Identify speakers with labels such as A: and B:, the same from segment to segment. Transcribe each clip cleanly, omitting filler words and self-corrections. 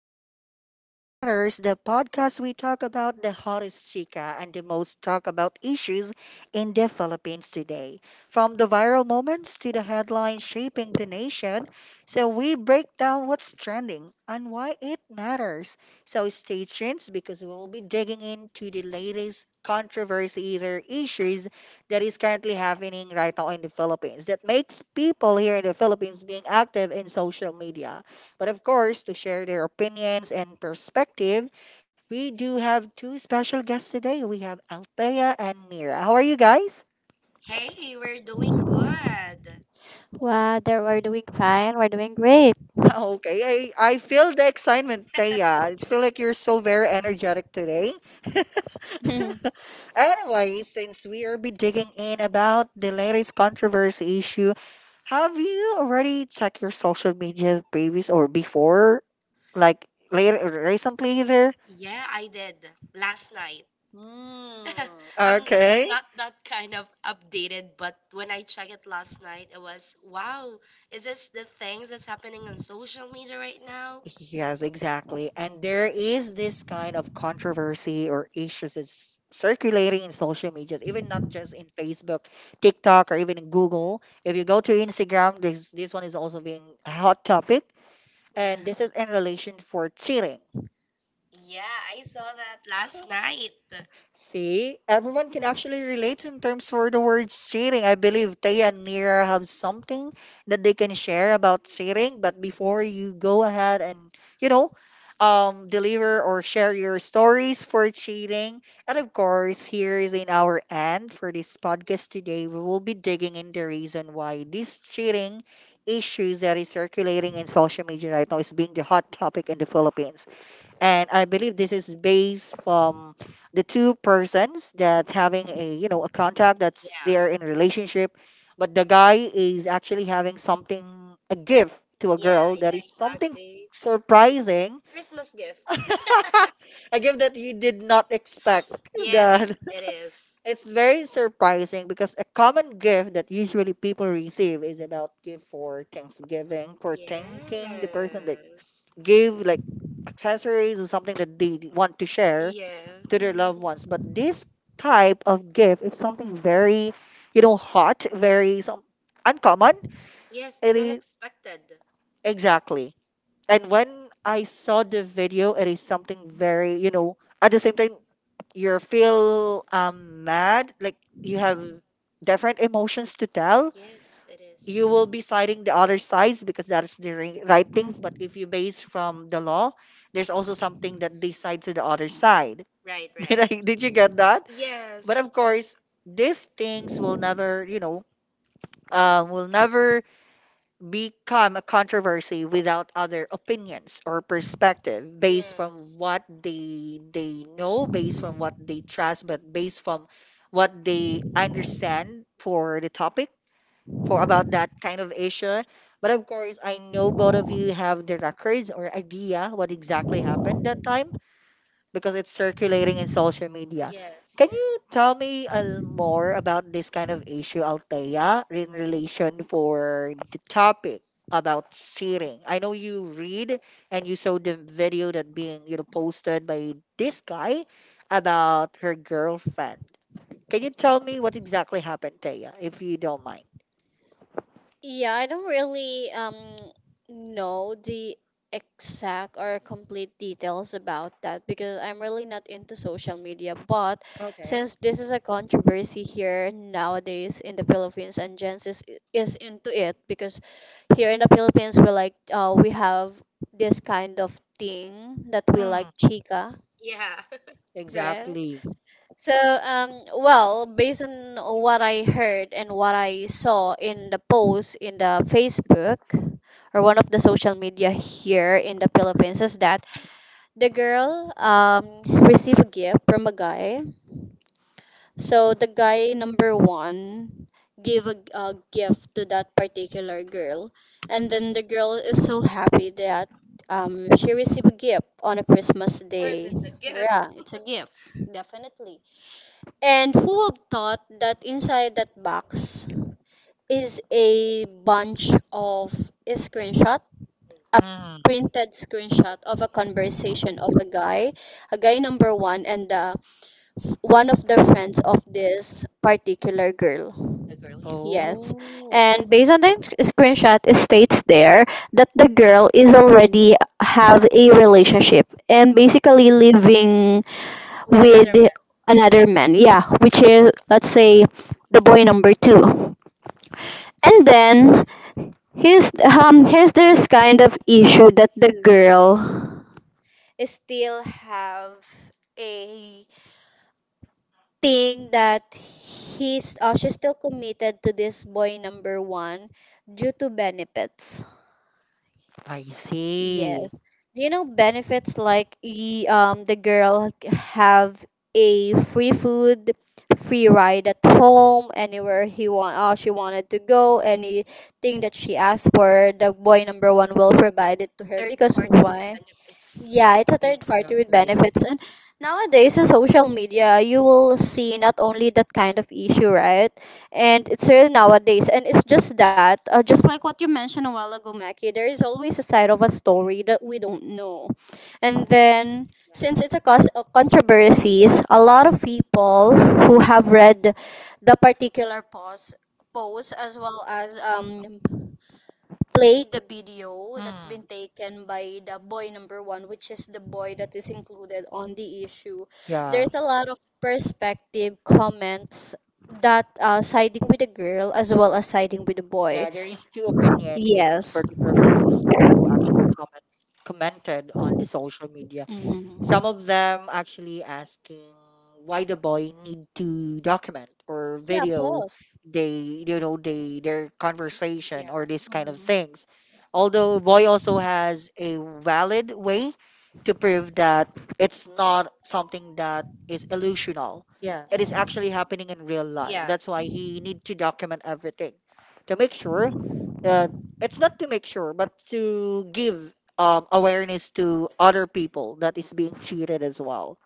A: Talk That Matters, the podcast we talk about the hottest chica and the most talk about issues in the Philippines today. From the viral moments to the headlines shaping the nation. So, we break down what's trending and why it matters. So, stay tuned because we'll be digging into the latest controversy or issues that is currently happening right now in the Philippines that makes people here in the Philippines being active in social media. But of course, to share their opinions and perspective, we do have two special guests today. We have Althea and Mira. How are you guys?
B: Hey, we're doing good.
C: Wow, there we're doing fine. We're doing great.
A: Okay, I feel the excitement, Thea. I feel like you're so very energetic today.
C: Mhm.
A: Anyway, since we are be digging in about the latest controversy issue, have you already checked your social media previous or before, like later recently there?
B: Yeah, I did last night.
A: Hmm.
B: I'm
A: Okay.
B: not that kind of updated, but when I checked it last night, it was wow, is this the things that's happening on social media right now?
A: Yes, exactly. And there is this kind of controversy or issues that's circulating in social media, even not just in Facebook, TikTok, or even in Google. If you go to Instagram, this one is also being a hot topic, and this
B: Yeah.
A: is in relation for cheating.
B: Yeah, I saw that last night.
A: See, everyone can actually relate in terms for the word cheating. I believe Tay and Nira have something that they can share about cheating. But before you go ahead and, you know, deliver or share your stories for cheating, and of course, here is in our end for this podcast today, we will be digging in the reason why this cheating issues that is circulating in social media right now is being the hot topic in the Philippines and I believe this is based from the two persons that having a, you know, a contact that's
B: Yeah.
A: they're in a relationship, but the guy is actually having something a gift to a
B: Yeah,
A: girl
B: yeah,
A: that is something
B: exactly.
A: surprising,
B: Christmas gift.
A: a gift that you did not expect. That
B: Yes, it is.
A: it's very surprising because a common gift that usually people receive is about gift for Thanksgiving, for thanking the person that
B: Yes.
A: give like accessories or something that they want to share
B: Yeah.
A: to their loved ones. But this type of gift is something very, you know, hot, very some uncommon.
B: Yes,
A: It
B: and
A: is
B: unexpected.
A: exactly. And when I saw the video, it is something very, you know, at the same time you feel mad, like you have different emotions to tell,
B: Yes, it
A: you
B: is.
A: will be citing the other sides because that is the right things. But if you base from the law, there's also something that they cite to the other side.
B: Right, right.
A: Did you get that? But
B: Yes,
A: of course, these things will never, you know, will never become a controversy without other opinions or perspective based from
B: yes,
A: what they know, based from what they trust, but based from what they understand for the topic for about that kind of issue. But of course, I know both of you have the records or idea what exactly happened that time because it's circulating in social media.
B: yes.
A: Can you tell me more about this kind of issue, Althea, in relation for the topic about cheating? I know you read and you saw the video that being, you know, posted by this guy about her girlfriend. Can you tell me what exactly happened, Thea, if you don't mind?
C: Yeah, I don't really know the exact or complete details about that because I'm really not into social media. But
A: Okay.
C: since this is a controversy here nowadays in the Philippines and Jens is into it because here in the Philippines we like we have this kind of thing that we like
A: Mm,
C: chica,
B: Yeah, of
C: right?
A: exactly.
C: So, um, well, based on what I heard and what I saw in the post in the Facebook or one of the social media here in the Philippines is that the girl received a gift from a guy. So the guy number one gave a gift to that particular girl, and then the girl is so happy that she received a gift on a Christmas day.
B: course, it's a gift.
C: Yeah, it's a gift, definitely. And who would thought that inside that box is a bunch of a screenshot, a
A: Mm.
C: printed screenshot of a conversation of a guy number one, and one of the friends of this particular girl.
B: The girl, yeah.
C: Yes.
A: Oh,
C: And based on the screenshot, it states there that the girl is already have a relationship and basically living
B: With
C: with
B: another man.
C: another man. Yeah, which is let's say the boy number two. And then here's this kind of issue that the girl still have a thing that he's she's still committed to this boy number one due to benefits.
A: I see.
C: Yes. You know, benefits like the girl have a free food, free ride at home, anywhere he want, she wanted to go, anything that she asked for, the boy number one will provide it to her.
B: Third
C: Because
B: party with
C: why?
B: benefits.
C: Yeah, it's a
A: Exactly.
C: third party with benefits. And nowadays in social media, you will see not only that kind of issue, right? And it's real nowadays. And it's just that, just like what you mentioned a while ago, Mackie, there is always a side of a story that we don't know. And then, since it's a cause controversies, a lot of people who have read the particular post as well as play the video that's
A: Hmm.
C: been taken by the boy number one, which is the boy that is included on the issue.
A: Yeah.
C: There's a lot of perspective comments that siding with the girl as well as siding with the boy.
A: Yeah, there is two opinions in
C: Yes.
A: particular for those who actually comments commented on the social media.
C: Mhm.
A: Some of them actually asking why the boy need to document or
C: Yeah,
A: video
C: pause.
A: they, you know, they their conversation
B: Yeah.
A: or this kind of
C: Mhm.
A: things. Although boy also has a valid way to prove that it's not something that is illusional,
B: Yeah.
A: it is actually
B: Yeah.
A: happening in real life. That's why he need to document everything to make sure that it's not to make sure, but to give awareness to other people that is being cheated as well.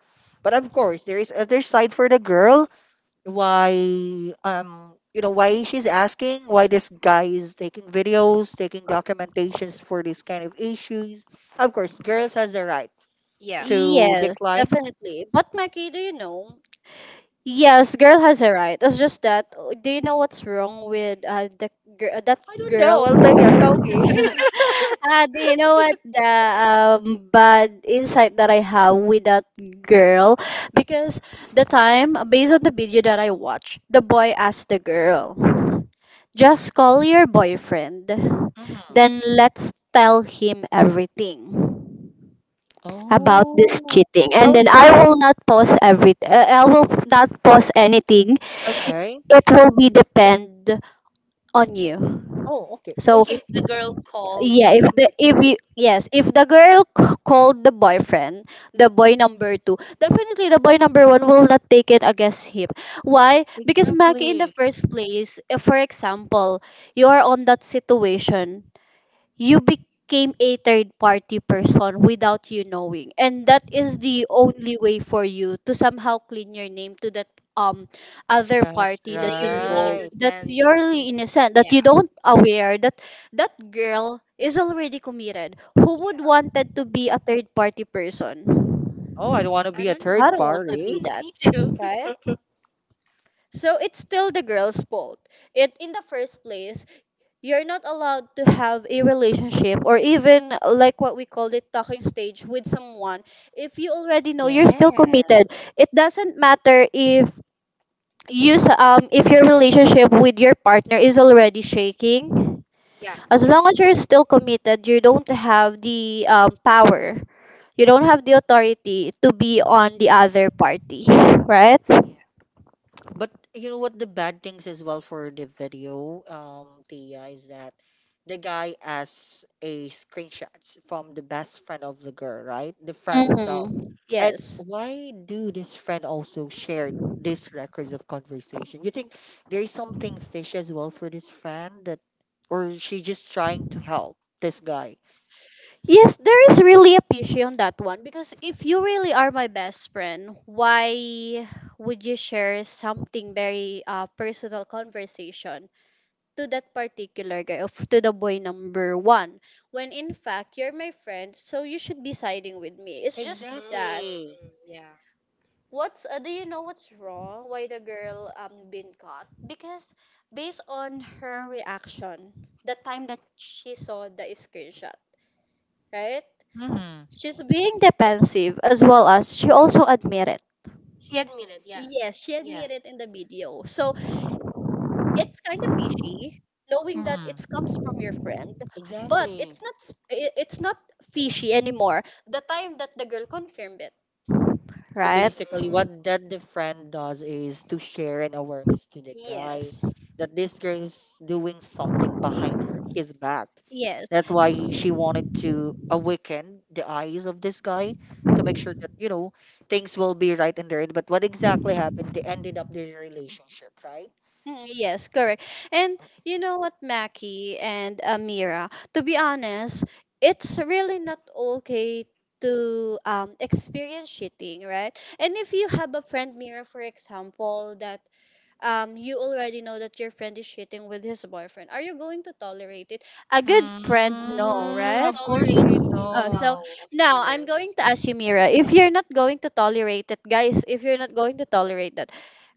A: But of course, there is other side for the girl. Why, you know, why she's asking why this guy is taking videos, taking documentations for this kind of issues. Of course, girls has the right
B: Yeah.
A: to
C: Yes,
A: decline.
C: definitely. But Mackie, do you know? Yes, girl has a right. It's just that, do you know what's wrong with that
A: I don't know.
C: girl?
A: I'll tell you. Tell me.
C: Ah, do you know what the bad insight that I have with that girl? Because the time, based on the video that I watched, the boy asked the girl, just call your boyfriend, then
A: Mhm.
C: let's tell him everything about this
A: Oh,
C: cheating,
A: I
C: and
A: was
C: then I will not post anything.
A: okay.
C: It will be depend on you.
A: Oh, okay. Oh,
C: So
A: so
C: yeah, if the if you yes if the girl called the boyfriend, the boy number two, definitely the boy number one will not take it against him. Why? Because Maki, in the
A: exactly.
C: first place, if for example you are on that situation, you became a third party person without you knowing, and that is the only way for you to somehow clean your name to that um other
A: That's
C: party
B: Yeah, that
C: that's
B: you're really
C: involved,
A: right.
C: that's
B: innocent.
C: purely innocent, that
B: Yeah.
C: you don't aware that that girl is already committed. Who would wanted to be a third party person?
A: Oh, I don't want to be
B: I
A: a
B: don't
C: I
A: third
B: know.
C: don't want to
A: party.
C: be that,
B: Me too.
C: right? So it's still the girl's fault. It in the first place, you're not allowed to have a relationship or even, like what we called it, talking stage with someone if you already know you're still
B: Yeah.
C: committed. It doesn't matter if if your relationship with your partner is already shaking.
B: Yeah.
C: As long as you're still committed, you don't have the power, you don't have the authority to be on the other party, right?
A: But you know what the bad things as well for the video, Tia, is that the guy has a screenshots from the best friend of the girl, right? The friend itself.
C: Mm-hmm.
A: And
C: Yes.
A: why do this friend also share these records of conversation? You think there is something fish as well for this friend that, or she just trying to help this guy?
C: Yes, there is really a pishy on that one, because if you really are my best friend, why would you share something very personal conversation to that particular guy of to the boy number one, when in fact you're my friend, so you should be siding with me. It's just
B: Mm,
C: that,
A: Exactly.
B: mm, Yeah.
C: what's do you know what's wrong? Why the girl been caught? Because based on her reaction, the time that she saw the screenshot, right?
A: Mm-hmm.
C: She's being defensive as well as she also admitted.
B: He admitted, yeah.
C: Yes, she
B: Yeah.
C: admitted in the video. So it's kind of fishy, knowing that it
A: Mm-hmm.
C: comes from your friend, but
A: Exactly.
C: it's not fishy anymore. The time that the girl confirmed it.
A: So
C: Right?
A: basically,
B: Mm.
A: what that the friend does is to share an awareness to the guy
C: Yes.
A: that this girl is doing something behind her, his back.
C: Yes.
A: That's why she wanted to awaken the eyes of this guy to make sure that, you know, things will be right in their end. But what exactly happened? They ended up their relationship, right?
C: Mm, yes, correct. And you know what, Mackie and Amira, to be honest, it's really not okay to experience cheating, right? And if you have a friend, Mira, for example, that you already know that your friend is cheating with his boyfriend, are you going to tolerate it? A good friend,
B: No,
C: no,
B: we
A: Mm,
B: don't
C: right?
A: of course
B: tolerate
A: we
B: cheating.
C: So
A: don't.
B: No, of
C: now I'm going
B: course.
C: to ask you, Mira, if you're not going to tolerate it, guys, if you're not going to tolerate that,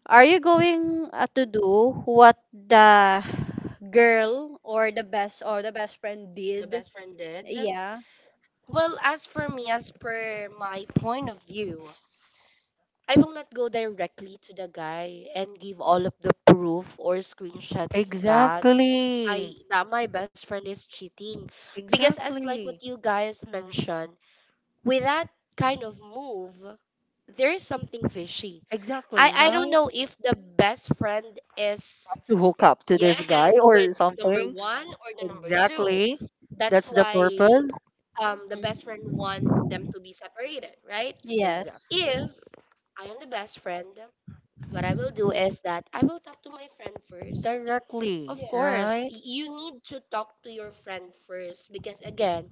C: are you going to do what the girl or the best friend
B: The
C: did?
B: best friend did.
C: Yeah.
B: Well, as for me, as per my point of view, I will not go directly to the guy and give all of the proof or screenshots that I
A: Exactly.
B: that my best friend is cheating. Because as like
A: Exactly.
B: what you guys mentioned, with that kind of move, there is something fishy.
A: Exactly,
B: I don't
A: right?
B: know if the best friend is
A: To hook up to this guy
B: yes with
A: or
B: number
A: something.
B: 1 or the number 2.
A: Exactly.
B: That's
A: That's the
B: why
A: purpose.
B: the best friend want them
C: Mm.
B: to be separated, right?
C: Yes.
A: Exactly.
B: If I am the best friend, what I will do is that I will talk to my friend first.
A: Directly,
B: Of
C: Yes.
B: course,
A: right?
B: you need to talk to your friend first because again,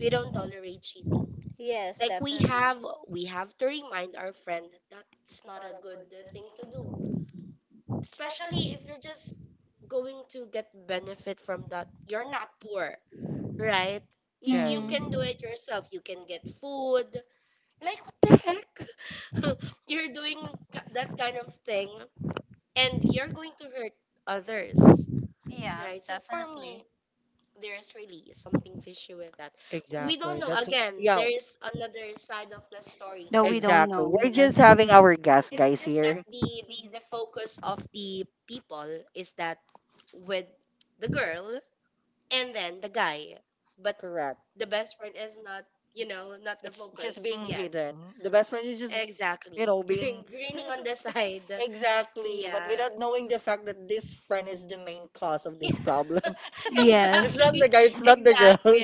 B: we don't tolerate cheating.
C: Yes,
B: Like
C: definitely.
B: we have to remind our friend that that's not a good thing to do. Especially if you're just going to get benefit from that. You're not poor, right? You
A: Yes.
C: Mm.
B: can do it yourself. You can get food, like, what the heck? You're doing that kind of thing and you're going to hurt others,
C: Yeah,
B: right? So for
C: definitely.
B: me, there's really something fishy with that. We don't
A: Exactly.
B: know.
A: That's
B: Again, Yeah.
A: yeah.
B: there's another side of the story.
C: Though we don't
A: Exactly.
C: know,
A: We're just
C: yes.
A: having our gas guys
B: Is that
A: here.
B: the focus of the people is that with the girl and then the guy. But
A: Correct.
B: the best friend is not, you know, not the
A: It's just
B: focus
A: being
B: yet.
A: hidden. The best friend is just,
B: Exactly.
A: you know, being
B: Grinning on the side.
A: Exactly. But
B: Yeah.
A: without knowing the fact that this friend is the main cause of
B: Yeah.
A: this problem. It's
C: Yes.
A: not
B: Exactly.
A: the guy, it's not the girl.
B: Exactly.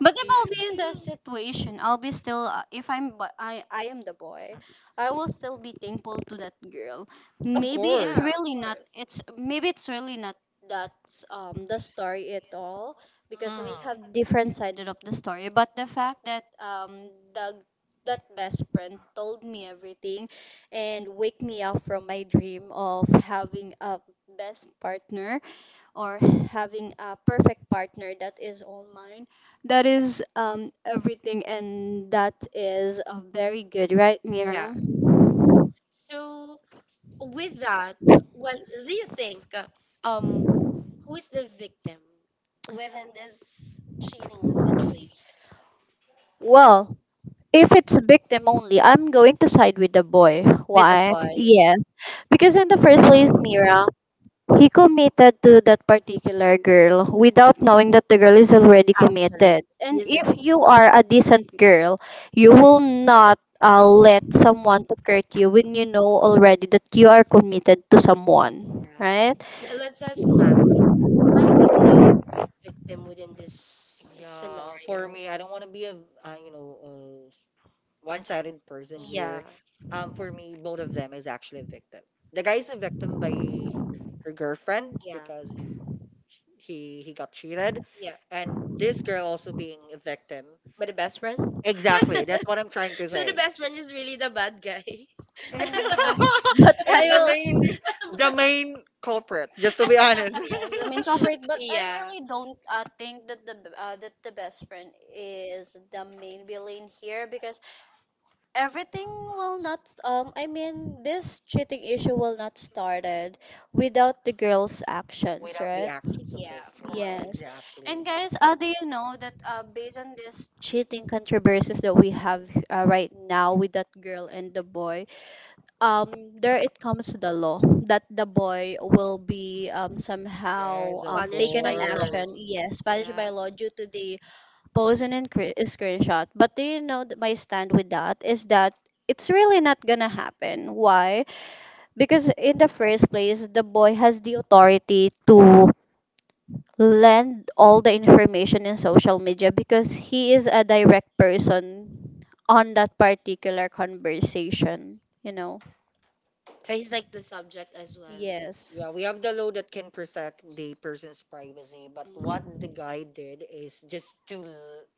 C: But if I'll be in the situation, I'll be still. If I'm, but I am the boy. I will still be thankful to that girl.
A: Of
C: Maybe it's
B: Yeah,
A: course.
B: of
C: really not.
B: course.
C: It's maybe it's really not that the story at all, because we
A: Mm.
C: have different sided of the story. But the fact that the that best friend told me everything and wake me up from my dream of having a best partner, or having a perfect partner that is all mine, that is everything, and that is very good, right,
B: Yeah.
C: Mira?
B: So with that, well, do you think um who is the victim within this cheating situation?
C: Well, if it's victim only, I'm going to side with the boy.
B: With the
C: Why?
B: boy,
C: Yes. Because in the first place, Mira, he committed to that particular girl without knowing that the girl is already committed.
B: actually, he
C: And
B: is a
C: if
B: victim.
C: you are a decent girl, you will not let someone to hurt you when you know already that you are committed to someone,
B: Yeah.
C: right?
B: Let's ask Mac. Maki, who do you think is the victim within this
A: Yeah, for
B: scenario?
A: me, I don't want to be a you know, one-sided person here.
B: Yeah.
A: For me, both of them is actually a victim. The guy is a victim by her girlfriend because
B: Yeah.
A: he got cheated
B: Yeah.
A: and this girl also being a victim.
B: But the best friend?
A: Exactly, that's what I'm trying to
B: So the
A: say.
B: best friend is really the bad guy.
C: Yeah. But
A: Is the
C: I will,
A: main, the main culprit, just to be honest.
C: yes, I mean corporate. But I
B: yeah.
C: really don't think that the best friend is the main villain here, because everything will not this cheating issue will not started without the girl's actions,
A: Without the
C: right?
A: actions of
B: Yeah,
A: this
B: of
A: girl,
C: Yes.
B: course.
C: And
A: exactly.
C: guys, do you know that, based on this cheating controversies that we have right now with that girl and the boy, um there it comes to the law that the boy will be um somehow
A: Yes, of
C: um
B: Punished
C: taken
B: by
C: an
B: law.
C: action,
A: course.
C: yes, punished
B: Yeah.
C: by law due to the post and screenshot. But do you know that my stand with that is that it's really not gonna happen. Why? Because in the first place, the boy has the authority to lend all the information in social media, because he is a direct person on that particular conversation. You know?
B: So he's like the subject as well.
C: Yes.
A: Yeah, we have the law that can protect the person's privacy, but what the
B: Mm.
A: guy did is just to,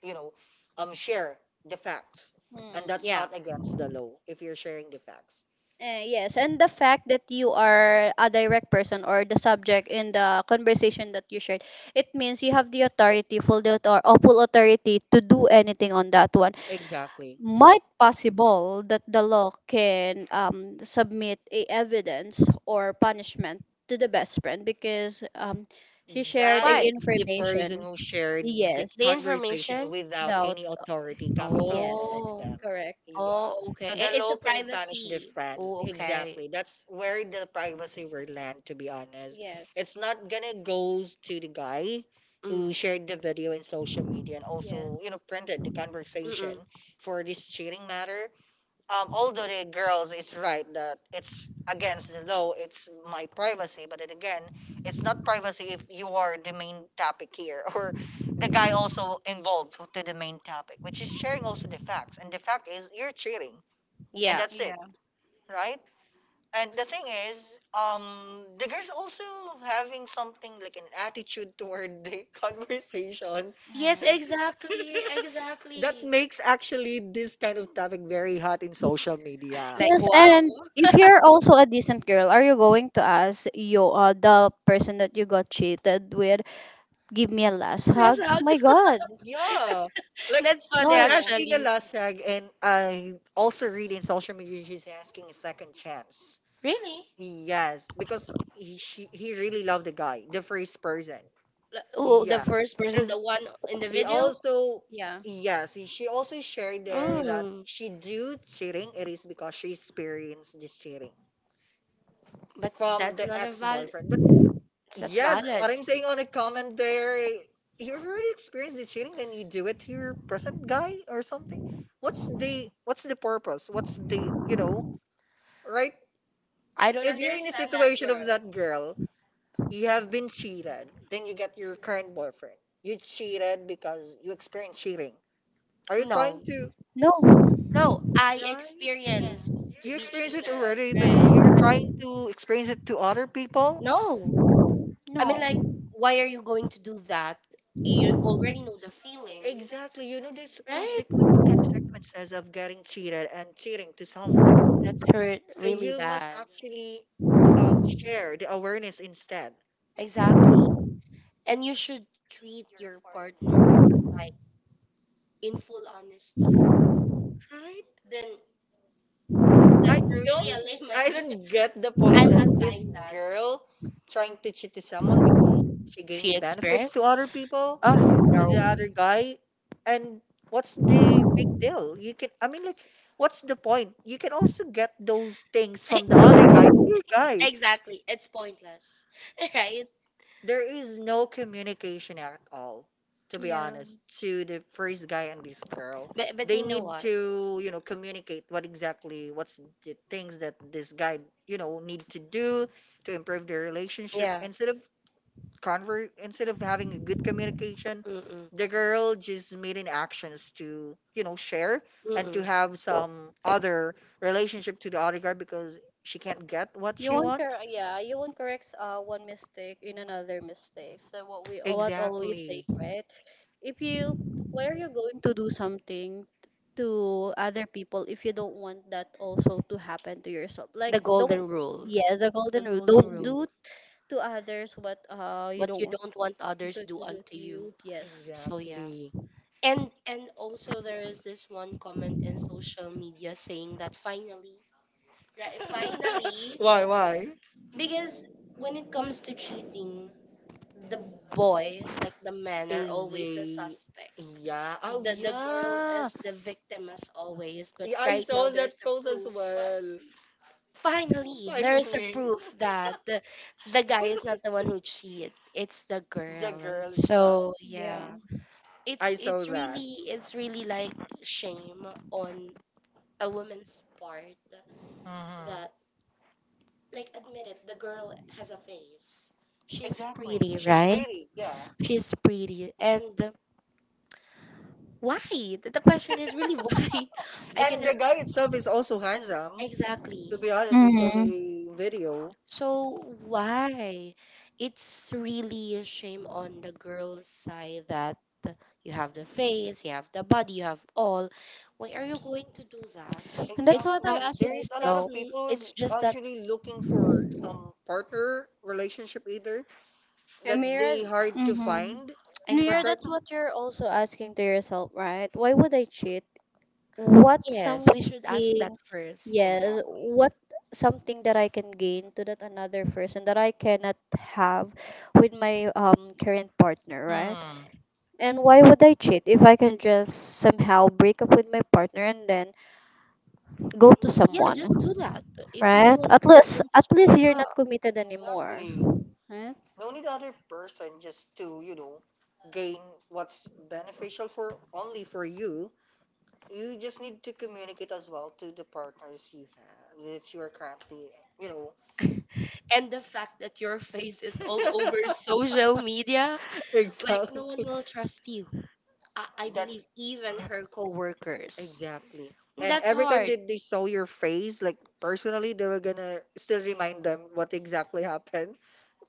A: you know, share the facts, and
C: Mm.
A: that's
B: Yeah.
A: not against the law if you're sharing the facts.
C: Yes, and the fact that you are a direct person or the subject in the conversation that you shared, it means you have the authority, full authority to do anything on that one.
A: Exactly.
C: Might possible that the law can submit a evidence or punishment to the best friend, because she shared
A: That
C: a
A: is
B: Why?
A: the person
C: information.
A: who shared the
C: Yes,
B: The
A: conversation
B: information?
A: without
C: doubt.
A: any authority coming from both
C: Yes,
A: of
B: Oh,
A: them.
C: correct.
A: Yeah.
B: oh, okay.
A: So the
B: It's
A: law
B: a
A: can punish the
B: privacy.
A: friends.
B: Oh, okay.
A: Exactly. That's where the privacy will land, to be honest.
C: Yes,
A: It's not gonna goes to the guy
B: Mm.
A: who shared the video in social media and also, you know, printed the
B: Mm-mm.
A: conversation for this cheating matter. Although the girls is right that it's against the law, it's my privacy. But then again, it's not privacy if you are the main topic here, or the guy also involved to the main topic, which is sharing also the facts. And the fact is, you're cheating, and yeah,
B: Yeah.
A: that's it, right? And the thing is, the girls also having something like an attitude toward the conversation.
B: Yes,
C: yes.
A: Exactly,
B: exactly, exactly.
A: that makes actually this kind of topic very hot in social media.
B: Like,
C: Yes,
B: wow,
C: and if you're also a decent girl, are you going to ask you the person that you got cheated with, give me a last hug?
B: that's hug.
C: My God,
A: Yeah. Like
B: That's
C: no,
B: funny,
C: I
A: she's
C: won't.
A: asking a
B: actually.
A: last tag and I also read in social media she's asking a second chance.
B: Really?
A: Yes, because he really loved the guy, the first person.
B: Like, oh, the
A: Yeah.
B: first person,
A: Because
B: the one in the
A: he
B: video?
A: also
C: Yeah.
A: yes, she also shared there that
B: Mm.
A: she do cheating it is because she experienced this cheating
B: But
A: from
B: that's
A: the
B: not a
A: ex
B: val.
A: boyfriend. But.
B: It's not
A: Yes,
B: valid.
A: what
B: I
A: I'm saying on a comment there, you already experienced the cheating, then you do it to your present guy or something. What's the purpose? What's the, you know, right?
B: don't
A: If you're in a
B: understand that
A: situation of
B: girl.
A: that girl, you have been cheated, then you get your current boyfriend. You cheated because you experienced cheating. Are you
B: No.
A: trying to
C: No,
B: No, I
A: right?
B: experienced
A: You
B: to be
A: experience it
B: cheated,
A: already, but
B: right?
A: you're trying to experience it to other people.
B: No. I mean
C: no.
B: like why are you going to do that? You already know the feeling,
A: Exactly. You know, there's
B: right?
A: consequences of getting cheated and cheating to someone.
B: That hurt
A: So
B: really
A: you must
B: bad.
A: actually share the awareness instead,
B: Exactly. And you should treat your partner like in full honesty.
A: right?
B: Then it's
A: I yeah,
B: Well,
A: don't
B: really a lame
A: I
B: idea.
A: don't get the point
B: I'm
A: that
B: not
A: this
B: buying
A: girl
B: that.
A: trying to cheat to someone because she
B: She
A: gained benefits to
B: experienced?
A: other people,
B: Oh,
A: to the
B: no.
A: other guy, and what's the big deal? You can I mean like what's the point? You can also get those things from the other guy to your guy.
B: Exactly. It's pointless, right?
A: There is no communication at all, to be
C: Yeah.
A: honest, to the first guy and this girl.
B: But
A: They
B: you know
A: need
B: what?
A: to, you know, communicate what exactly, what's the things that this guy, you know, need to do to improve their relationship.
B: Yeah.
A: Instead of instead of having a good communication, the
B: Mm-mm.
A: girl just made in actions to, you know, share and
B: Mm-mm.
A: to have some other relationship to the other guy because she can't get what she wants.
C: You won't correct one mistake in another mistake. So what we what always say,
A: Exactly.
C: right? If you why are you going to do something to other people if you don't want that also to happen to yourself? Like
B: The
C: don't,
B: golden rule.
C: yes, the
B: The
C: golden rule.
B: golden
C: Don't
B: rule.
C: do to others what you
B: What
C: don't
B: you
C: want
B: don't want others
C: to
B: do
C: do
B: unto
C: to
B: you.
C: you. Yes.
B: So yeah.
A: Exactly.
B: And also there is this one comment in social media saying that finally, right? Finally,
A: Why? Why?
B: because when it comes to cheating, the boys, like the men, are
A: Is
B: always the
A: the
B: suspect.
A: yeah? Oh
B: The girl
A: yeah.
B: is the victim as always, but
A: Yeah, I
B: right now
A: saw that
B: there's a
A: post as
B: proof.
A: well.
B: Finally, there's a
A: Finally,
B: proof that the guy is not the one who cheat. It's the
A: the
B: girl.
A: girls.
B: So yeah.
C: Yeah.
B: It's
A: I saw
B: it's
A: that.
B: really it's really like shame on a woman's part
A: Hmm.
B: that like, admit it, the girl has a face. She's
A: Exactly.
B: pretty,
A: It's
B: right?
A: pretty. Yeah.
B: She's pretty. And why? The question is really why? I can
A: And the guy itself is also handsome.
B: exactly.
A: To be honest, we saw the video.
B: So why? It's really a shame on the girl's side that you have the face, you have the body, you have all. Why are you going to do that?
C: And that's
B: It's
C: what I
B: not.
A: Exactly.
C: ask
A: There is a lot
B: It's
A: of
C: myself.
B: n-
A: people who's
B: it's just that
A: actually looking for some partner, relationship either that
C: Amira,
A: they hard to
C: mm-hmm.
A: find.
C: New
A: But
C: Year,
B: exactly.
A: right
C: that's
A: now,
C: what you're also asking to yourself, right? Why would I cheat? What
B: Yes, we should ask that
C: something,
B: first.
C: yes,
A: exactly.
C: what something that I can gain to that another person that I cannot have with my current partner, right?
A: Hmm.
C: And why would I cheat if I can just somehow break up with my partner and then go to
B: Yeah,
C: someone,
B: just do that. If you don't
C: right?
B: want the person,
C: At
B: just
C: least
B: wake
C: you're
B: up.
C: not committed anymore,
A: Exactly.
C: right?
A: No need other person just to gain what's beneficial for only for you. You just need to communicate as well to the partners you have that you are currently, you know.
B: And the fact that your face is all over social media, like no one
A: Exactly.
B: will trust you. I
A: That's
B: believe even her coworkers.
A: Exactly.
B: And
A: And
B: that's
A: every time
B: hard.
A: that they saw your face, like personally, they were gonna still remind them what exactly happened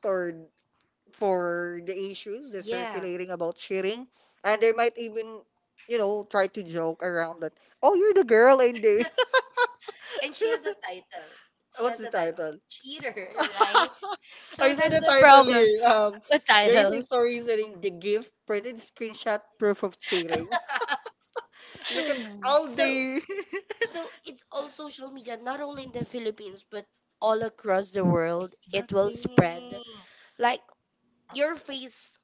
A: for for the issues that's
B: Yeah.
A: circulating about cheating. And they might even, try to joke around that, oh, you're the girl in the
B: And she has a title. She
A: what's
B: has
A: the
B: a title.
A: title?
B: Cheater, right? So
A: I saw
B: that's
A: the
B: the
A: title
B: problem.
A: here. Um,
B: A
A: there is a
B: title.
A: story saying the gift printed screenshot proof of cheating. Look at all
B: So
A: the
B: So it's all social media, not only in the Philippines, but all across the world. It will spread.
A: Exactly.
B: Like your face,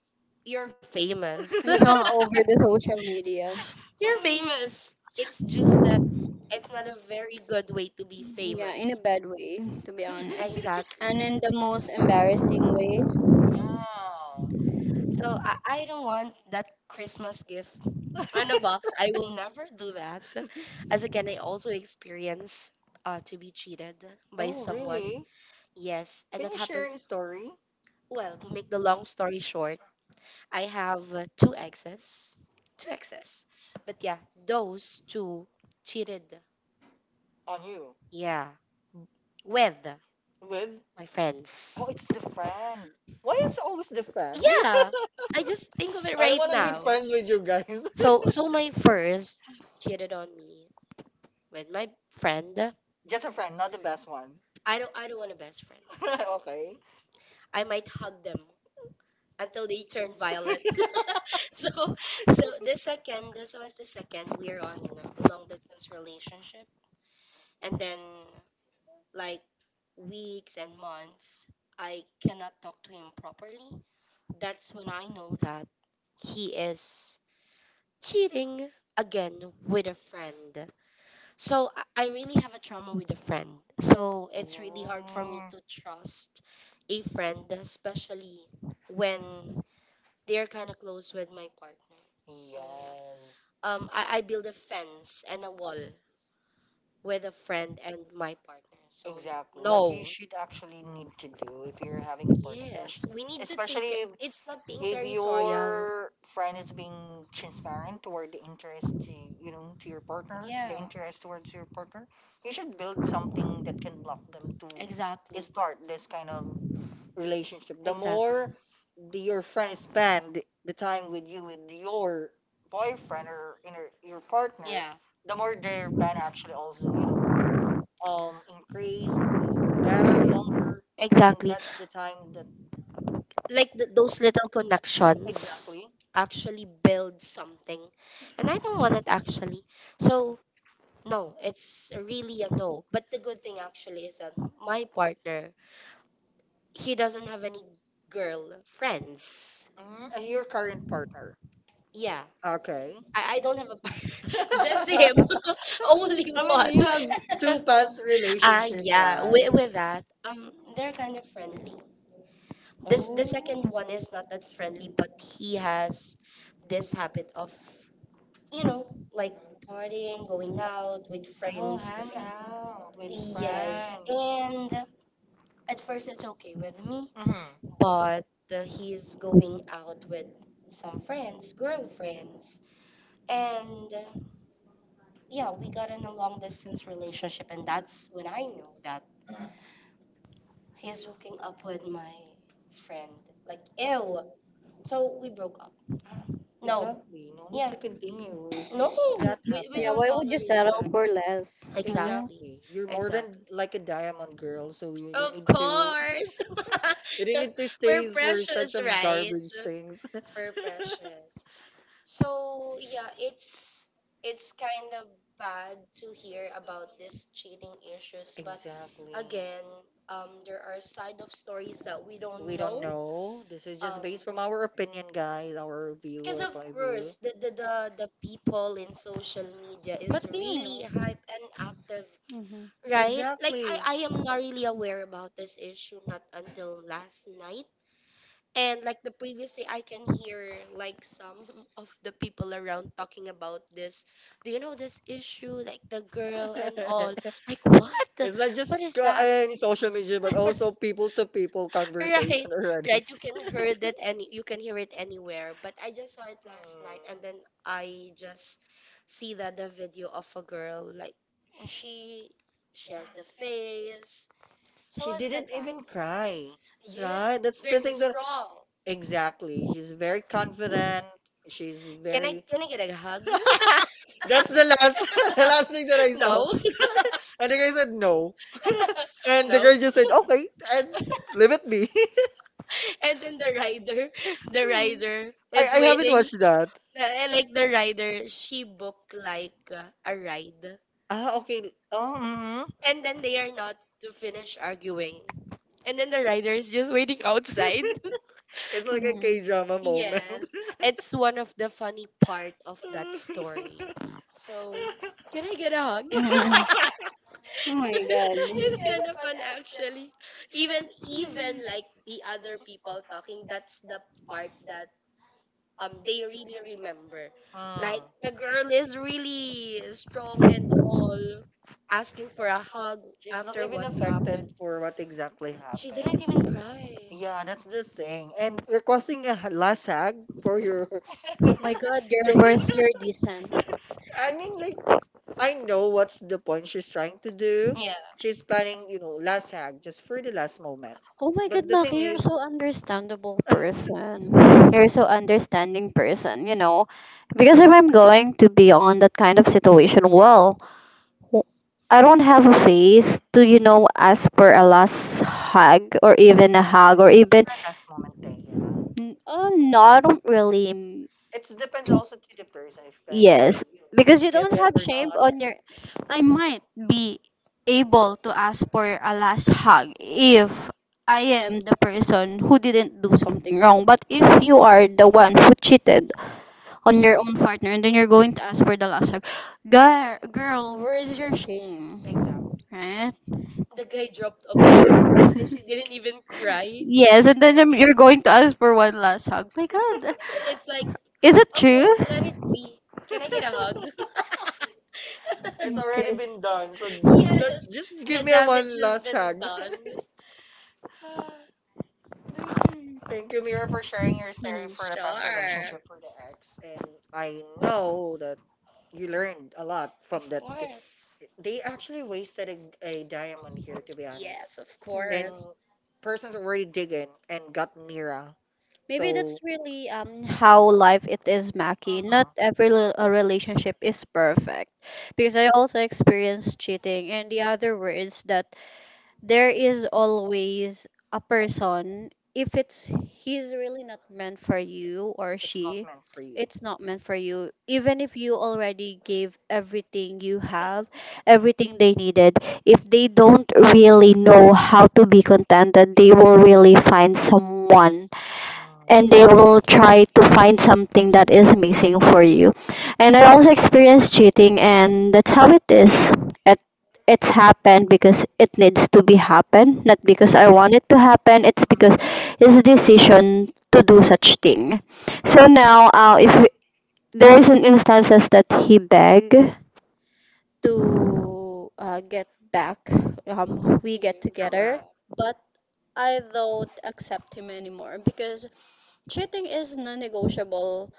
B: you're famous.
C: It's all over the social media.
B: You're famous. It's just that it's not a very good way to be
C: Yeah, in a
B: famous.
C: bad way, to be honest. And in
B: Exactly.
C: the most embarrassing way.
B: So I don't want that Christmas gift on a box. I will never do that. As again, I also experience to be cheated by
A: Oh,
B: someone.
A: really?
B: Yes, and
A: Can
B: that
A: you share any
B: happens.
A: story
B: Well, to make the long story short, I have two exes. Two exes. But yeah, those two cheated.
A: on you
B: Yeah, with
A: with?
B: my friends.
A: Oh, it's the friend. Why it's always the friend?
B: Yeah, I just think of it
A: I don't
B: right
A: want to be
B: now.
A: friends with you guys.
B: So my first cheated on me with my friend.
A: Just a friend, not the best one.
B: I don't want a best friend.
A: Okay.
B: I might hug them until they turn violet. So, so the second, this was the second, we're on a long distance relationship. And then, like, weeks and months, I cannot talk to him properly. That's when I know that he is cheating again with a friend. So, I really have a trauma with a friend. So, it's really hard for me
A: Oh,
B: to trust a friend, especially when they're kind of close with my partner. So yeah.
A: yes.
B: I build a fence and a wall with a friend and my partner. So
A: Exactly. That you
B: no.
A: should actually need to do if you're having a party,
B: Yes, we need to
A: especially
B: take
A: if
B: it. It's not being
A: if
B: territorial.
A: your friend is being transparent toward the interest to your partner, the
B: Yeah.
A: interest towards your partner. You should build something that can block them to
B: Exactly.
A: start this kind of relationship. The
B: Exactly.
A: more your friend spend the time with you with your boyfriend or inner, your partner,
B: Yeah.
A: the more their band actually also increase. Better, longer
B: Exactly.
A: is the time that
B: Like those little connections
A: exactly
B: actually build something. And I don't want it actually. So, no, it's really a no. But the good thing actually is that my partner, he doesn't have any girl friends.
A: your current partner.
B: Yeah.
A: Okay.
B: I don't have a partner.
A: Just
B: Just him.
A: the
B: Only
A: I
B: one.
A: mean, you have import. Two past out,
B: Ah,
A: relationship,
B: yeah.
A: yeah.
B: With,
A: Right?
B: with that, they're kind of friendly. This the
A: Oh,
B: second one is not that friendly, but he has this habit of, you know, like partying, going out with
A: I'll
B: friends.
A: hang out with, yes,
B: Yes,
A: friends.
B: and at first it's okay with me,
A: And no,
B: but he's going out with some friends, girlfriends, and yeah, we got in a long distance relationship, and that's when I know that he's hooking up with my friend. Like, ew. So we broke up. No,
A: exactly. No need, yeah,
B: yeah.
A: to continue if
B: No,
A: no, that
B: we
A: happened.
C: Yeah,
B: don't
C: why would you
B: tolerate
C: settle
B: that.
C: for less? Huh?
B: Exactly.
A: Exactly. You're more than
B: Exactly.
A: like a diamond girl, so you
B: Of
A: need to.
B: course.
A: You didn't need to
B: We're
A: stay for such
B: precious,
A: of
B: right?
A: garbage things.
B: We're precious. So yeah, it's kind of bad to hear about these cheating issues, but
A: Exactly.
B: again, there are side of stories that we don't
A: We don't
B: know.
A: know. This is just
B: Um,
A: based from our opinion, guys, our view
B: because
A: or
B: of
A: point of view.
B: course, the people in social media is really hype and active.
C: Mm-hmm.
B: Right? Like
A: Exactly.
B: I am not really aware about this issue not until last night. And like the previous day I can hear like some of the people around talking about this. Do you know this issue? Like the girl and all. Like what?
A: It's not just
B: What is that?
A: any social media, but also people to people
B: Right.
A: conversation already.
B: Right. You can hear it anywhere. But I just saw it last night and then I
A: Mm.
B: just see that the video of a girl like she she has the face. So
A: She
B: was the
A: didn't
B: guy.
A: even cry,
B: Yes,
A: right? That's the
B: very
A: thing that
B: strong.
A: exactly. She's very confident. She's very.
B: Can I get a hug?
A: That's the last the last thing that I saw.
B: No,
A: And the guy said no, and the
B: no.
A: girl just said okay and leave it be.
B: And then the
A: Hmm.
B: rider
A: I
B: is
A: I haven't
B: waiting.
A: watched that.
B: Like the rider, she booked like a ride,
A: Ah, okay. Oh, mhm.
B: and then they are not to finish arguing, and then the rider is just waiting outside.
A: It's like a
C: Mhm.
A: K drama moment.
B: Yes, it's one of the funny part of that story. So, can I get a hug?
C: Mhm. Oh my god.
B: It's kind of fun actually. Even even like the other people talking, that's the part that they really remember. Like the
A: Mm.
B: girl is really strong and all asking for a hug
A: She's not
B: after
A: even
B: what happened.
A: affected for what exactly
B: She didn't
A: happened.
B: even cry.
A: Yeah, that's the thing. And requesting a lasag for your
C: My god, girl, where's your decent?
A: I mean, like, I know what's the point she's trying to do.
B: Yeah.
A: She's planning, last hag just for the last moment.
C: Oh my God,
A: But the thing
C: Maki, you're
A: is,
C: so understandable person. You're so understanding person, you know. Because if I'm going to be on that kind of situation, well, I don't have a face to, you know, ask for a last hug or even a hug or even,
A: the last moment, eh, yeah.
C: oh, no, I don't really.
A: It depends also to the person if going to
C: Yes, because you
A: give
C: don't
A: it
C: have
A: or
C: shame
A: not.
B: Yeah.
C: on your. I might be able to ask for a last hug if I am the person who didn't do something wrong. But if you are the one who cheated on your own partner and then you're going to ask for the last hug, girl, where is your shame?
A: Exactly.
C: Right?
B: The guy dropped a bomb and then she didn't even cry.
C: Yes, and then you're going to ask for one last hug. My God,
B: It's like,
C: is it
B: okay,
C: true?
B: let it be. Can I get a hug?
A: It's already
C: Okay.
A: been done, so let's
B: Yes,
A: just give
B: the
A: me a
B: damage
A: one
B: has
A: last
B: been
A: hag.
B: done.
A: Mm. Thank you, Mira, for sharing your story
C: Mhm.
A: for the past
B: Sure.
A: relationship for the ex. And I know that you learned a lot from
B: Of
A: that.
B: course.
A: They actually wasted a diamond
C: Mhm.
A: here, to be honest.
B: Yes, of
A: And
B: course.
A: persons already digging and got Mira.
C: Maybe that's
A: So,
C: really how life it is, Maki. Not
A: uh
C: every a relationship is perfect, because I also experienced cheating and the other words that there is always a person if it's he's really not meant for you, or
A: it's not
C: she
A: meant for you.
C: it's not meant for you even if you already gave everything you have, everything they needed. If they don't really know how to be contented, they will really find someone, and
A: Uh,
C: they will try to find something that is missing for you. And I also experienced cheating, and that's how it is. It, it's happened because it needs to be happen, not because I want it to happen. It's because it's a decision to do such thing. So now, if there is an instances that he beg, to get back. We
B: To
C: get
B: you.
A: Come
B: Yeah,
C: together,
A: back.
C: but I don't accept him anymore because cheating is non-negotiable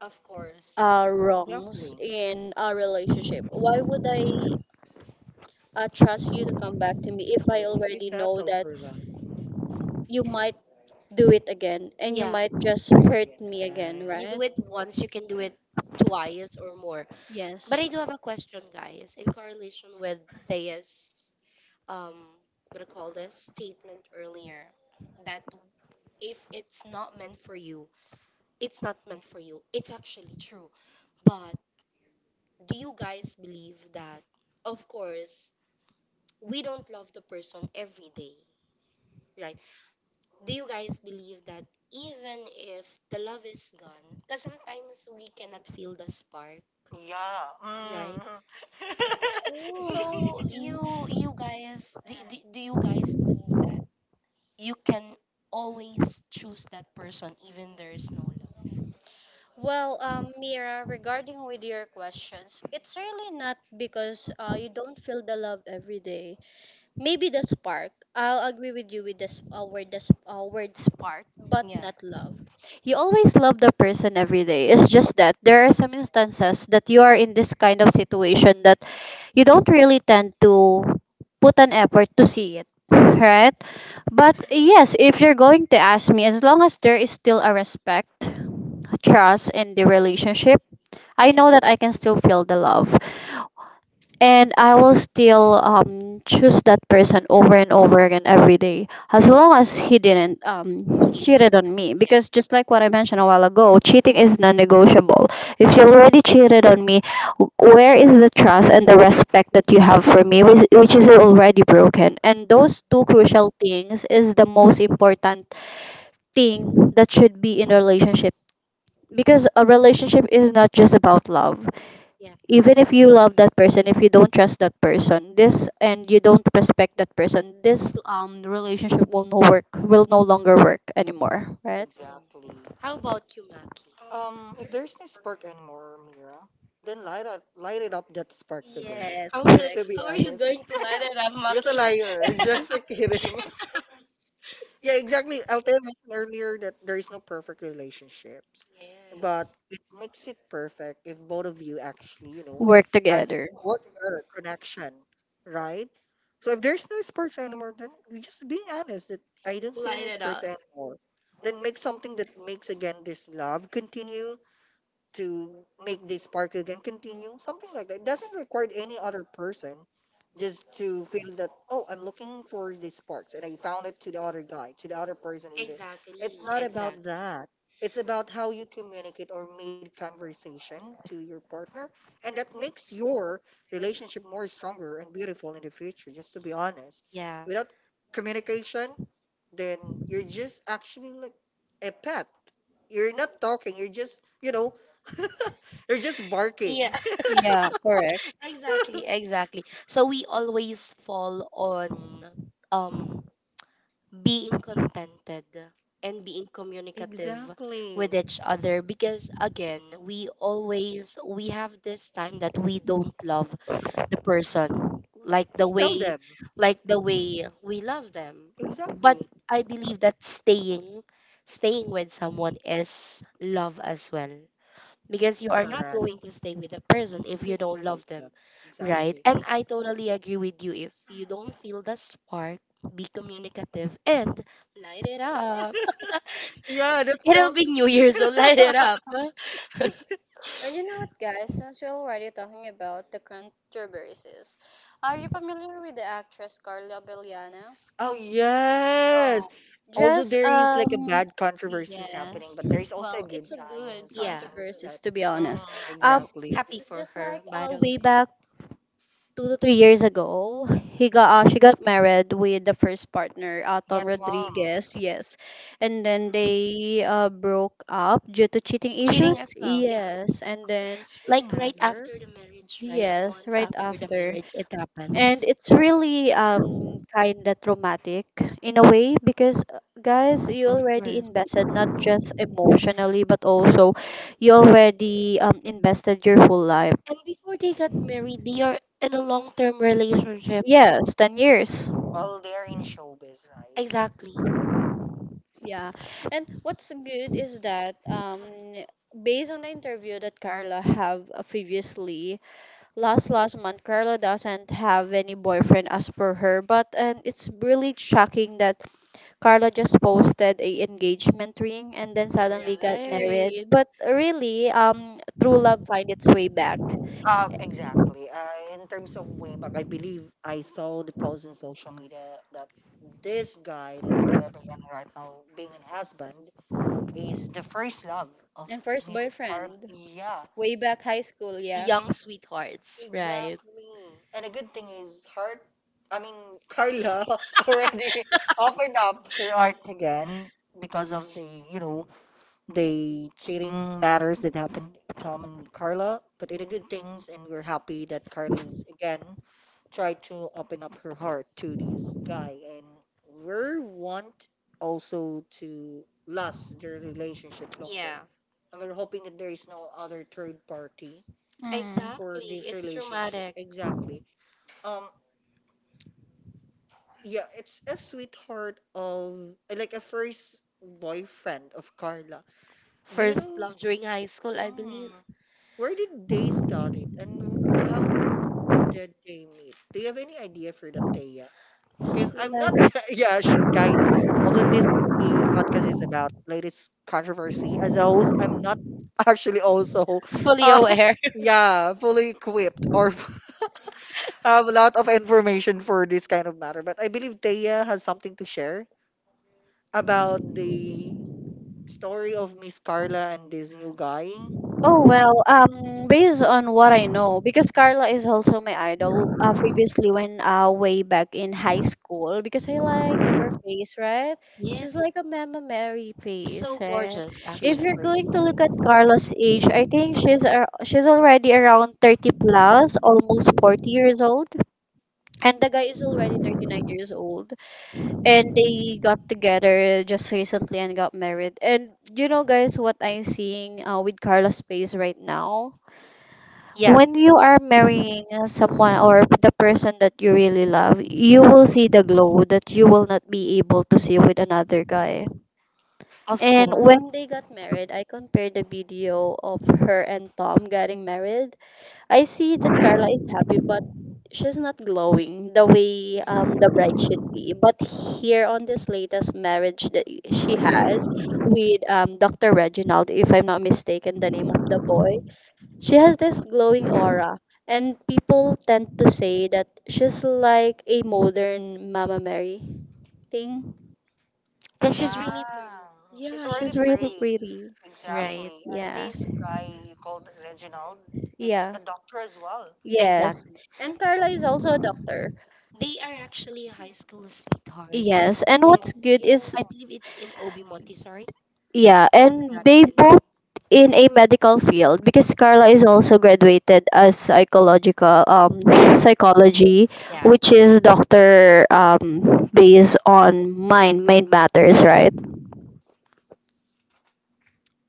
B: of course. Of-
C: wrongs
A: Exactly.
C: in a relationship. Why would I trust you to come back to me if
A: Why
C: I
A: would you
C: already know
A: settle
C: that
A: for that?
C: you might do it again and you
B: Yeah,
C: might just hurt me again,
B: you
A: Yes.
C: right?
B: do it once, you can do it twice or more. But
C: Yes.
B: I do have a question, guys, in correlation with Thea's um what do you call this statement earlier that if it's not meant for you, it's not meant for you. It's actually true. But do you guys believe that of course we don't love the person every day, right? Do you guys believe that even if the love is gone, because sometimes we cannot feel the spark,
A: Yeah.
B: right?
A: Mm.
C: Oh.
B: So
C: Mm.
B: you guys do, do, do you guys believe that you can always choose that person even there is no love?
C: Well, Mira, regarding with your questions, it's really not because you don't feel the love every day. Maybe the spark. I'll agree with you with this word, the word spark, but
B: Yeah.
C: not love. You always love the person every day. It's just that there are some instances that you are in this kind of situation that you don't really tend to put an effort to see it, right? But yes, if you're going to ask me, as long as there is still a respect, trust in the relationship, I know that I can still feel the love, and I will still choose that person over and over again every day as long as he didn't
B: Cheat.
C: cheated on me, because just like what I mentioned a while ago, cheating is non-negotiable. If you already cheated on me, where is the trust and the respect that you have for me, which is already broken, and those two crucial things is the most important thing that should be in a relationship, because a relationship is not just about love.
B: Yeah.
C: Even if you love that person, if you don't trust that person this, and you don't respect that person this, relationship will no work, will no longer work anymore, right?
A: Exactly.
B: How about you, Maki?
A: If there's no spark anymore, Mira, then light up, light it up that sparks again.
B: How will
A: Just to be
B: how are you
A: honest.
B: going to light it up,
A: You're a
B: Maki?
A: liar. Just a kidding. Yeah, exactly. Althea mentioned earlier that there is no perfect relationships, but
B: Yes.
A: it makes it perfect if both of you actually,
C: Work
A: has
C: together.
A: what together connection, right? So if there's no sparks anymore, then you just being honest that I don't see
B: Light
A: any
B: it
A: sparks
B: up.
A: anymore. Then make something that makes again this love continue to make this spark again continue, something like that. It doesn't require any other person just to feel that, oh, I'm looking for the sparks and I found it to the other guy, to the other person either. It's
B: Exactly.
A: not about
B: Exactly.
A: that. It's about how you communicate or made conversation to your partner. And that makes your relationship more stronger and beautiful in the future, just to be honest.
B: Yeah.
A: Without communication, then you're just actually like a pet. You're not talking, you're just, they're just barking.
B: Yeah,
C: Yeah, correct.
B: exactly, exactly. So we always fall on um being contented and being communicative
A: Exactly.
B: with each other because again we have this time that we don't love the person
A: Just tell them.
B: like the way we love them, but
A: Exactly.
B: I believe that staying with someone is love as well because you are not going
A: Correct.
B: to stay with a person if you don't love them,
A: Yeah,
B: right?
A: exactly.
B: And I totally agree with you. If you don't feel the spark, be communicative and light it up.
A: Yeah, that's
B: It'll
A: tell
B: be
A: me.
B: New Year, so light it up.
C: And you know what, guys? Since we're already talking about the controversies, are you familiar with the actress Carla Belliano?
A: Oh yes.
C: Oh,
A: Although
C: just
A: there is like a bad controversies happening,
C: yes.
A: but there is also a
C: Well, it's
A: good
C: a good
A: sign
B: Yeah,
A: signs that
C: controversies to be honest.
A: mm,
C: Um
A: exactly.
B: happy for
C: just
B: her,
C: like
B: by the
C: way
B: way.
C: back 2 to 3 years ago, he got she got married with the first partner,
A: Yeah,
C: Tom
A: Tom.
C: Rodriguez. Yes, and then they broke up due to cheating
B: Cheating
C: issues.
B: as well, yeah.
C: Yes, and
A: Is
C: then
A: Shooting
B: Like right
A: her
B: after the marriage, right?
C: yes,
B: Months
C: right
B: after the
C: after,
B: marriage, it
C: and
B: happens,
C: it's really kind of traumatic in a way because guys, you
B: of
C: already
B: course.
C: invested not just emotionally but also you already invested your whole life.
B: And before they got married, they are in a long term relationship.
C: Yes, 10 years.
A: while they're in showbiz, right?
B: Exactly.
C: Yeah. And what's good is that based on the interview that Carla have previously, last month Carla doesn't have any boyfriend as per her, but and it's really shocking that Carla just posted a engagement ring and then suddenly got married.
B: Right.
C: But really, true love find its way back.
A: Exactly. In terms of way back, I believe I saw the post in social media that this guy that Carla Bragana right now being in husband is the first love of
C: And first
A: Miss Carla.
C: boyfriend,
A: Yeah,
C: way back high school, yeah.
B: Young sweethearts, right?
A: exactly. And a good thing is, heart. I mean, Carla already opened up her art again because of the you know the cheating matters that happened to Tom and Carla, but it a good things, and we're happy that Carla is again tried to open up her heart to this guy, and we want also to last their relationship longer.
B: Yeah,
A: Yeah. And we're hoping that there is no other third party for
B: exactly.
A: this
B: It's
A: relationship.
B: traumatic.
A: Exactly. Um. Yeah, it's a sweetheart of like a first boyfriend of Carla. Do you
B: First
A: know?
B: love during high school, I believe.
A: Mm, where did they start it and how did they meet? Do you have any idea for that, Thea? Because I'm not, yeah, guys, although this the podcast is about latest controversy, as a host, I'm not actually also,
B: Fully
A: uh,
B: aware.
A: yeah, fully equipped or have a lot of information for this kind of matter. But I believe Thea has something to share about the story of Miss Carla and this new guy.
C: Oh well, based on what I know, because Carla is also my idol. Previously, when way back in high school, because I like her face, right? She's
B: Yes,
C: like a Mama Mary face,
B: so
C: right?
B: gorgeous,
C: If
A: She's
C: you're
B: actually.
A: pretty,
C: going to
A: guys.
C: look at Carla's age, I think she's she's already around 30 plus, almost 40 years old, and the guy is already 39 years old, and they got together just recently and got married. And you know, guys, what I'm seeing with Carla's face right now,
B: Yeah,
C: when you are marrying someone or the person that you really love, you will see the glow that you will not be able to see with another guy.
B: of
C: And
B: course.
C: when they got married, I compared the video of her and Tom getting married. I see that Carla is happy, but she's not glowing the way the bride should be. But here on this latest marriage that she has with Dr. Reginald, if I'm not mistaken, the name of the boy, she has this glowing aura, and people tend to say that she's like a modern Mama Mary thing.
B: Because she's
A: Yeah,
B: really pretty.
A: she's
C: Yeah,
A: already
C: she's
B: She's
C: really
B: really.
A: pretty.
C: pretty.
B: Right,
A: Exactly. And
C: Yeah,
A: this guy you called Reginald, it's
C: yeah,
A: a doctor as well.
C: yes.
B: exactly.
C: And Carla is also a doctor.
B: They are actually high school sweethearts.
C: Yes, and
B: And
C: what's good
A: Oh.
C: is,
B: I believe it's in Obi Montessori.
C: yeah, and
B: That
C: they
B: is-
C: both in a medical field because Carla is also graduated as psychological psychology,
B: Yeah,
C: which is doctor based on mind matters, right?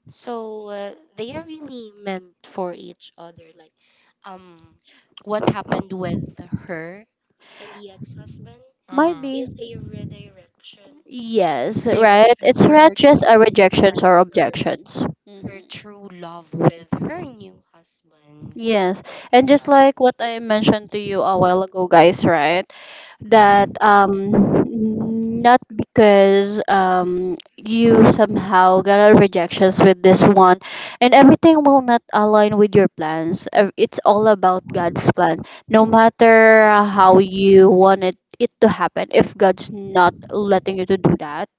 B: so they are really meant for each other. Like, um, what happened with her and the ex-husband
C: My
A: Mm-hmm.
B: is
C: base.
B: a redirection,
C: Yes, right.
B: direction
C: It's
B: for
C: not
B: her to
C: just our rejections or
B: her
C: objections. Hmm.
B: her true love with her new husband.
C: Yes, and just like
A: Exactly.
C: what I mentioned to you a while ago, guys, right? That not because you somehow got a rejections with this one, and everything will not align with your plans. It's all about God's plan. No matter how you wanted it to happen, if God's not letting you to do that,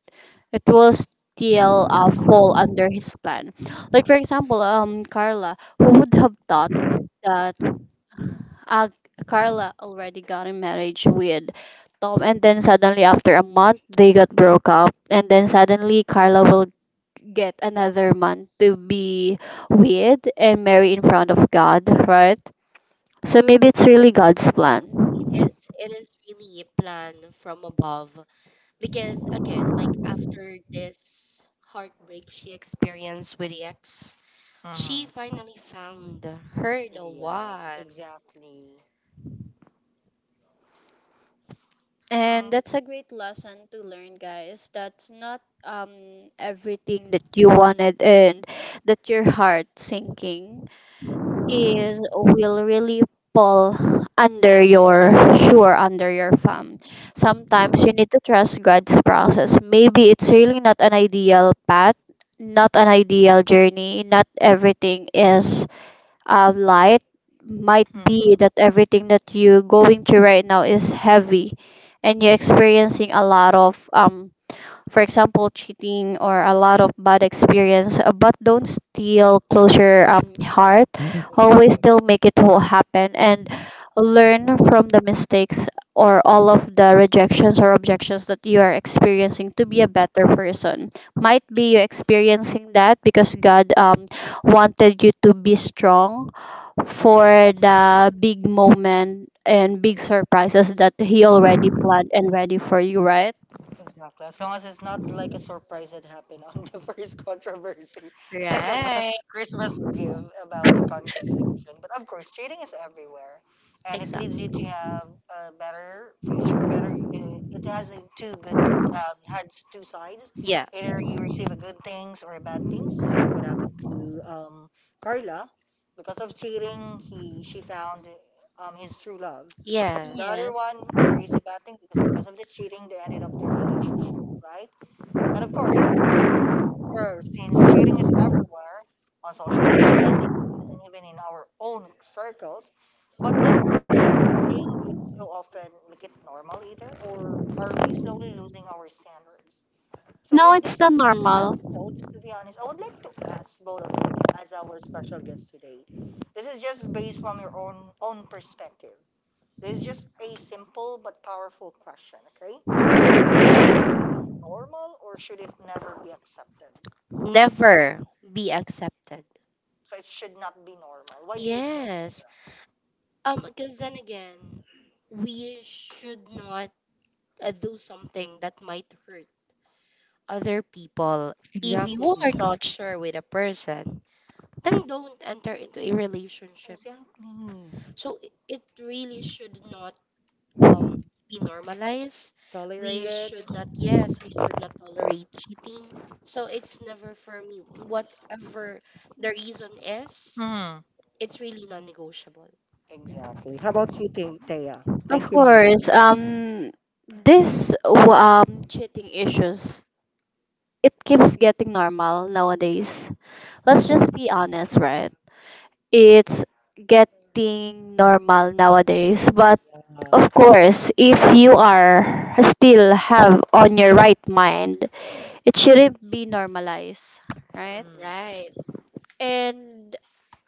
C: it will still fall under his plan. Like for example, Carla, who would have thought that uh, Carla already got in marriage with Tom, and then suddenly after a month they got broke up, and then suddenly Carla will get another man to be with and marry in front of God, right? So maybe it's really God's plan.
B: It is. It is really a plan from above because again, like after this heartbreak she experienced with the ex,
A: Mhm.
B: she finally found her the
A: Yes,
B: one.
A: exactly.
C: And that's a great lesson to learn, guys. That's not everything that you wanted and that your heart sinking is will really pull under your sure under your thumb. Sometimes you need to trust God's process. Maybe it's really not an ideal path, not an ideal journey, not everything is light. Might be
A: Mm-hmm.
C: that everything that you're going through right now is heavy, and you're experiencing a lot of for example cheating or a lot of bad experience, but don't still close your heart. Always still make it all happen and learn from the mistakes or all of the rejections or objections that you are experiencing to be a better person. Might be you experiencing that because god wanted you to be strong for the big moment and big surprises that he already planned and ready for you, right?
A: Exactly. As long as it's not like a surprise that happened on the first controversy,
B: Right.
A: Christmas give about the conversation. But of course, cheating is everywhere, and it
B: Exact.
A: leads you to have a better, for better. It has a two good, has two sides.
B: Yeah.
A: Either you receive a good things or bad things, just like what happened to Carla. Because of cheating, he she found his true love. And the other
B: Yes.
C: Yes.
A: one is a bad thing because of the cheating, they ended up together, right. And of course, sure, since cheating is everywhere on social media, even in our own circles, but that this saying it so often make it normal either, or are we slowly losing our standards? So,
C: No,
A: with
C: it's
A: this
C: not normal.
A: episode, to be honest, I would like to ask both of you as our special guest today. This is just based from your own perspective. This is just a simple but powerful question, okay? Is it normal or should it never be accepted?
B: Never be accepted.
A: So it should not be normal. Why do you think,
B: Yes.
A: Mira?
B: Because then again, we should not do something that might hurt other people. If you
A: Exactly.
B: are not sure with a person, then don't enter into a relationship.
A: Exactly.
B: So it really should not um be normalized. We
A: Tolerated.
B: should not yes, we should not tolerate cheating. So it's never for me. Whatever the reason is, it's really non negotiable.
A: Exactly. How about you, Thea? Thank
C: Of
A: you, Mira.
C: course, this cheating issues, it keeps getting normal nowadays. Let's just be honest, right? It's getting normal nowadays. But
A: Uh,
C: of course, if you are still have on your right mind, it shouldn't be normalized, right?
A: mm.
B: Right.
C: And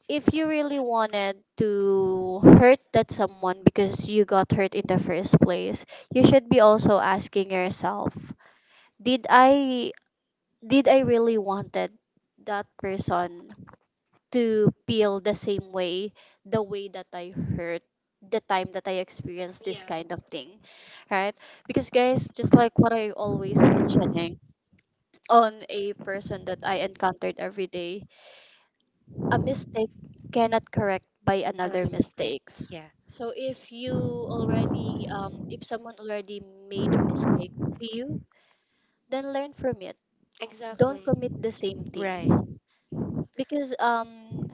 C: if you really wanted to hurt that someone because you got hurt in the first place, you should be also asking yourself, did I did I really wanted that person to feel the same way, the way that I hurt, the time that I experienced this
B: Yeah.
C: kind of thing, right? Because guys, just like what I always mentioning on a person that I encountered every day, a mistake cannot correct by another
B: Another mistake.
C: mistakes.
B: Yeah.
C: So if you already if someone already made a mistake to you, then learn from it.
B: Exactly.
C: Don't commit the same
B: Right.
C: thing. Because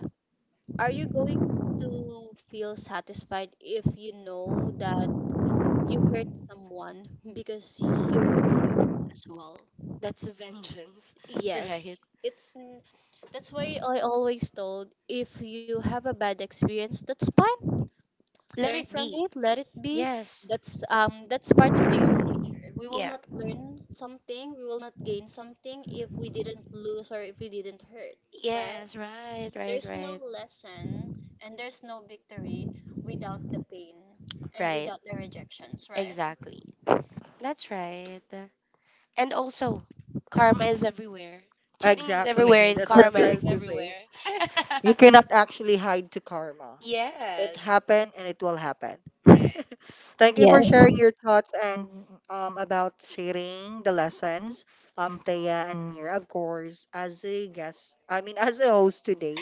C: are you going to feel satisfied if you know that you hurt someone because you hurt as well?
B: That's a vengeance.
C: Yes.
B: Right.
C: It's n- that's why I always told if you have a bad experience, that's fine,
B: Let
C: learn
B: it
C: from
B: be.
C: it, let it be.
B: Yes.
C: That's that's part of the human nature. We will
B: Yeah.
C: not learn something, we will not gain something if we didn't lose or if we didn't hurt, right?
B: Yes, right, right,
C: There's no
B: right.
C: lesson and there's no victory without the pain and
B: Right.
C: without the rejections, right?
B: Exactly. That's right. And also, karma is everywhere. Cheating is everywhere,
A: Exactly.
B: and
A: That's what I'm
B: karma
A: trying
B: is
C: True.
A: to say.
B: everywhere.
A: You cannot actually hide to karma. It
B: yes.
A: happened and it will happen.
B: Right.
A: Thank you for
C: Yes.
A: sharing your thoughts and about sharing the lessons, Thea and Mir. Of course, as a guest, I mean, as a host today,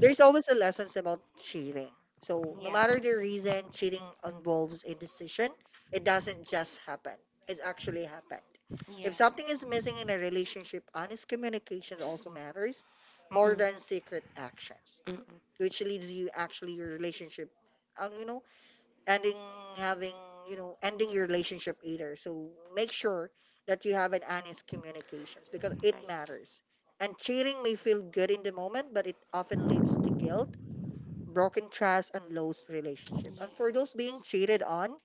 A: there's always a lessons about cheating. So no
B: yeah.
A: matter the reason, cheating involves a decision. It doesn't just happen. It's actually happened.
B: Yeah.
A: If something is missing in a relationship, honest communication also matters more
B: Mm.
A: than secret actions, which leads you actually your relationship, um, you know ending having ending your relationship either. So make sure that you have an honest communications because
B: Mm-mm.
A: it
B: Right.
A: matters. And cheating may feel good in the moment, but it often leads to guilt, broken trust, and lost relationship. And for those being cheated on,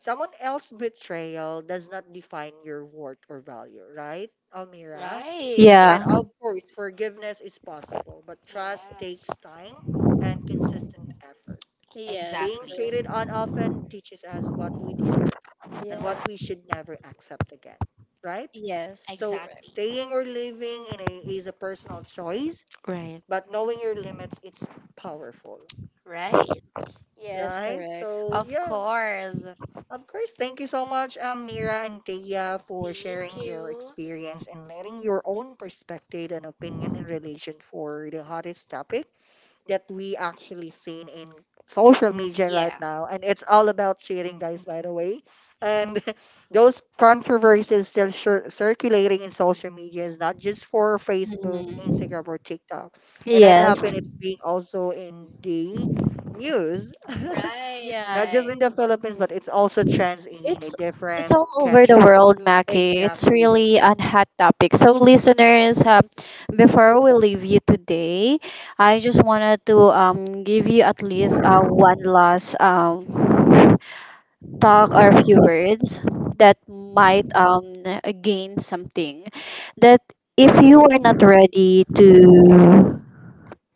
A: someone else's betrayal does not define your worth or value, right, Almira?
B: Right.
A: And
C: Yeah.
A: of course, forgiveness is possible, but trust takes time and consistent effort.
C: Yes,
A: Being cheated
C: correct.
A: on often teaches us what we deserve and what
C: Yes.
A: we should never accept again, right?
C: Yes,
A: So
C: correct.
A: staying or leaving in a is a personal choice,
B: Right.
A: but knowing your limits, it's powerful,
B: Right.
C: Yes,
A: right?
C: correct.
A: So
B: Of
A: yeah,
B: course.
A: of course. Thank you so much, Mira and Thea, for
B: Thank
A: sharing your
B: you.
A: experience and letting your own perspective and opinion in relation for the hottest topic that we actually seen in social media right
B: Yeah.
A: now, and it's all about cheating, guys, by the way. And those controversies still circulating in social media is not just for Facebook,
C: Mhm.
A: Instagram, or TikTok. And that
C: Yes.
A: happened, it's being also in the news.
B: Right,
A: Not just
C: Yes.
B: right.
A: in the Philippines but it's also trends in a
C: It's it's
A: different
C: all over the
A: country.
C: world, Mackie. It's
A: Exactly.
C: really a hot topic. So, listeners, before we leave you today, I just wanted to give you at least one last talk or a few words that might gain something. That if you are not ready to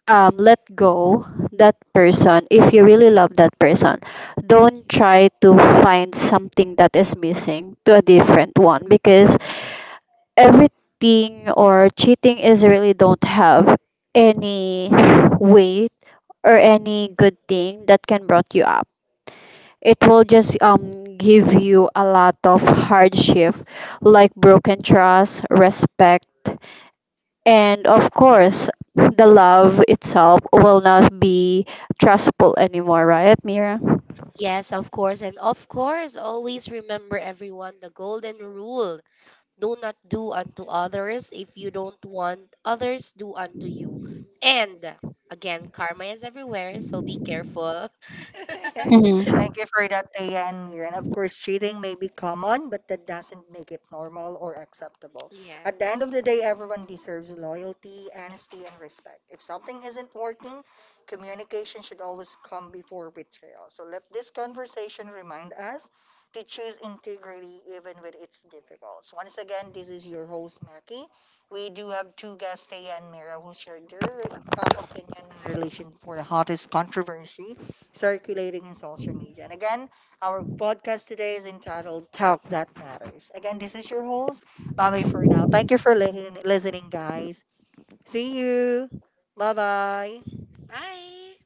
C: let go that person, if you really love that person, don't try to find something that is missing to a different one, because everything or cheating is really don't have any weight or any good thing that can brought you up. It will just give you a lot of hardship, like broken trust, respect, and of course, the love itself will not be trustful anymore, right, Mira?
B: Yes, of course. And of course, always remember everyone the golden rule. Do not do unto others if you don't want others do unto you. And again, karma is everywhere, so be careful.
C: Hmm.
A: Thank you for that, Ayan. And of course, cheating may be common, but that doesn't make it normal or acceptable.
B: Yeah.
A: At the end of the day, everyone deserves loyalty, honesty, and respect. If something isn't working, communication should always come before betrayal. So let this conversation remind us to choose integrity even when it's difficult. So once again, this is your host, Mackie. We do have two guests, Tay and Mira, who shared their opinion in relation for the hottest controversy circulating in social media. And again, our podcast today is entitled Talk That Matters. Again, this is your host, Bobby for now. Thank you for listening, guys. See you. Bye bye.
B: Bye.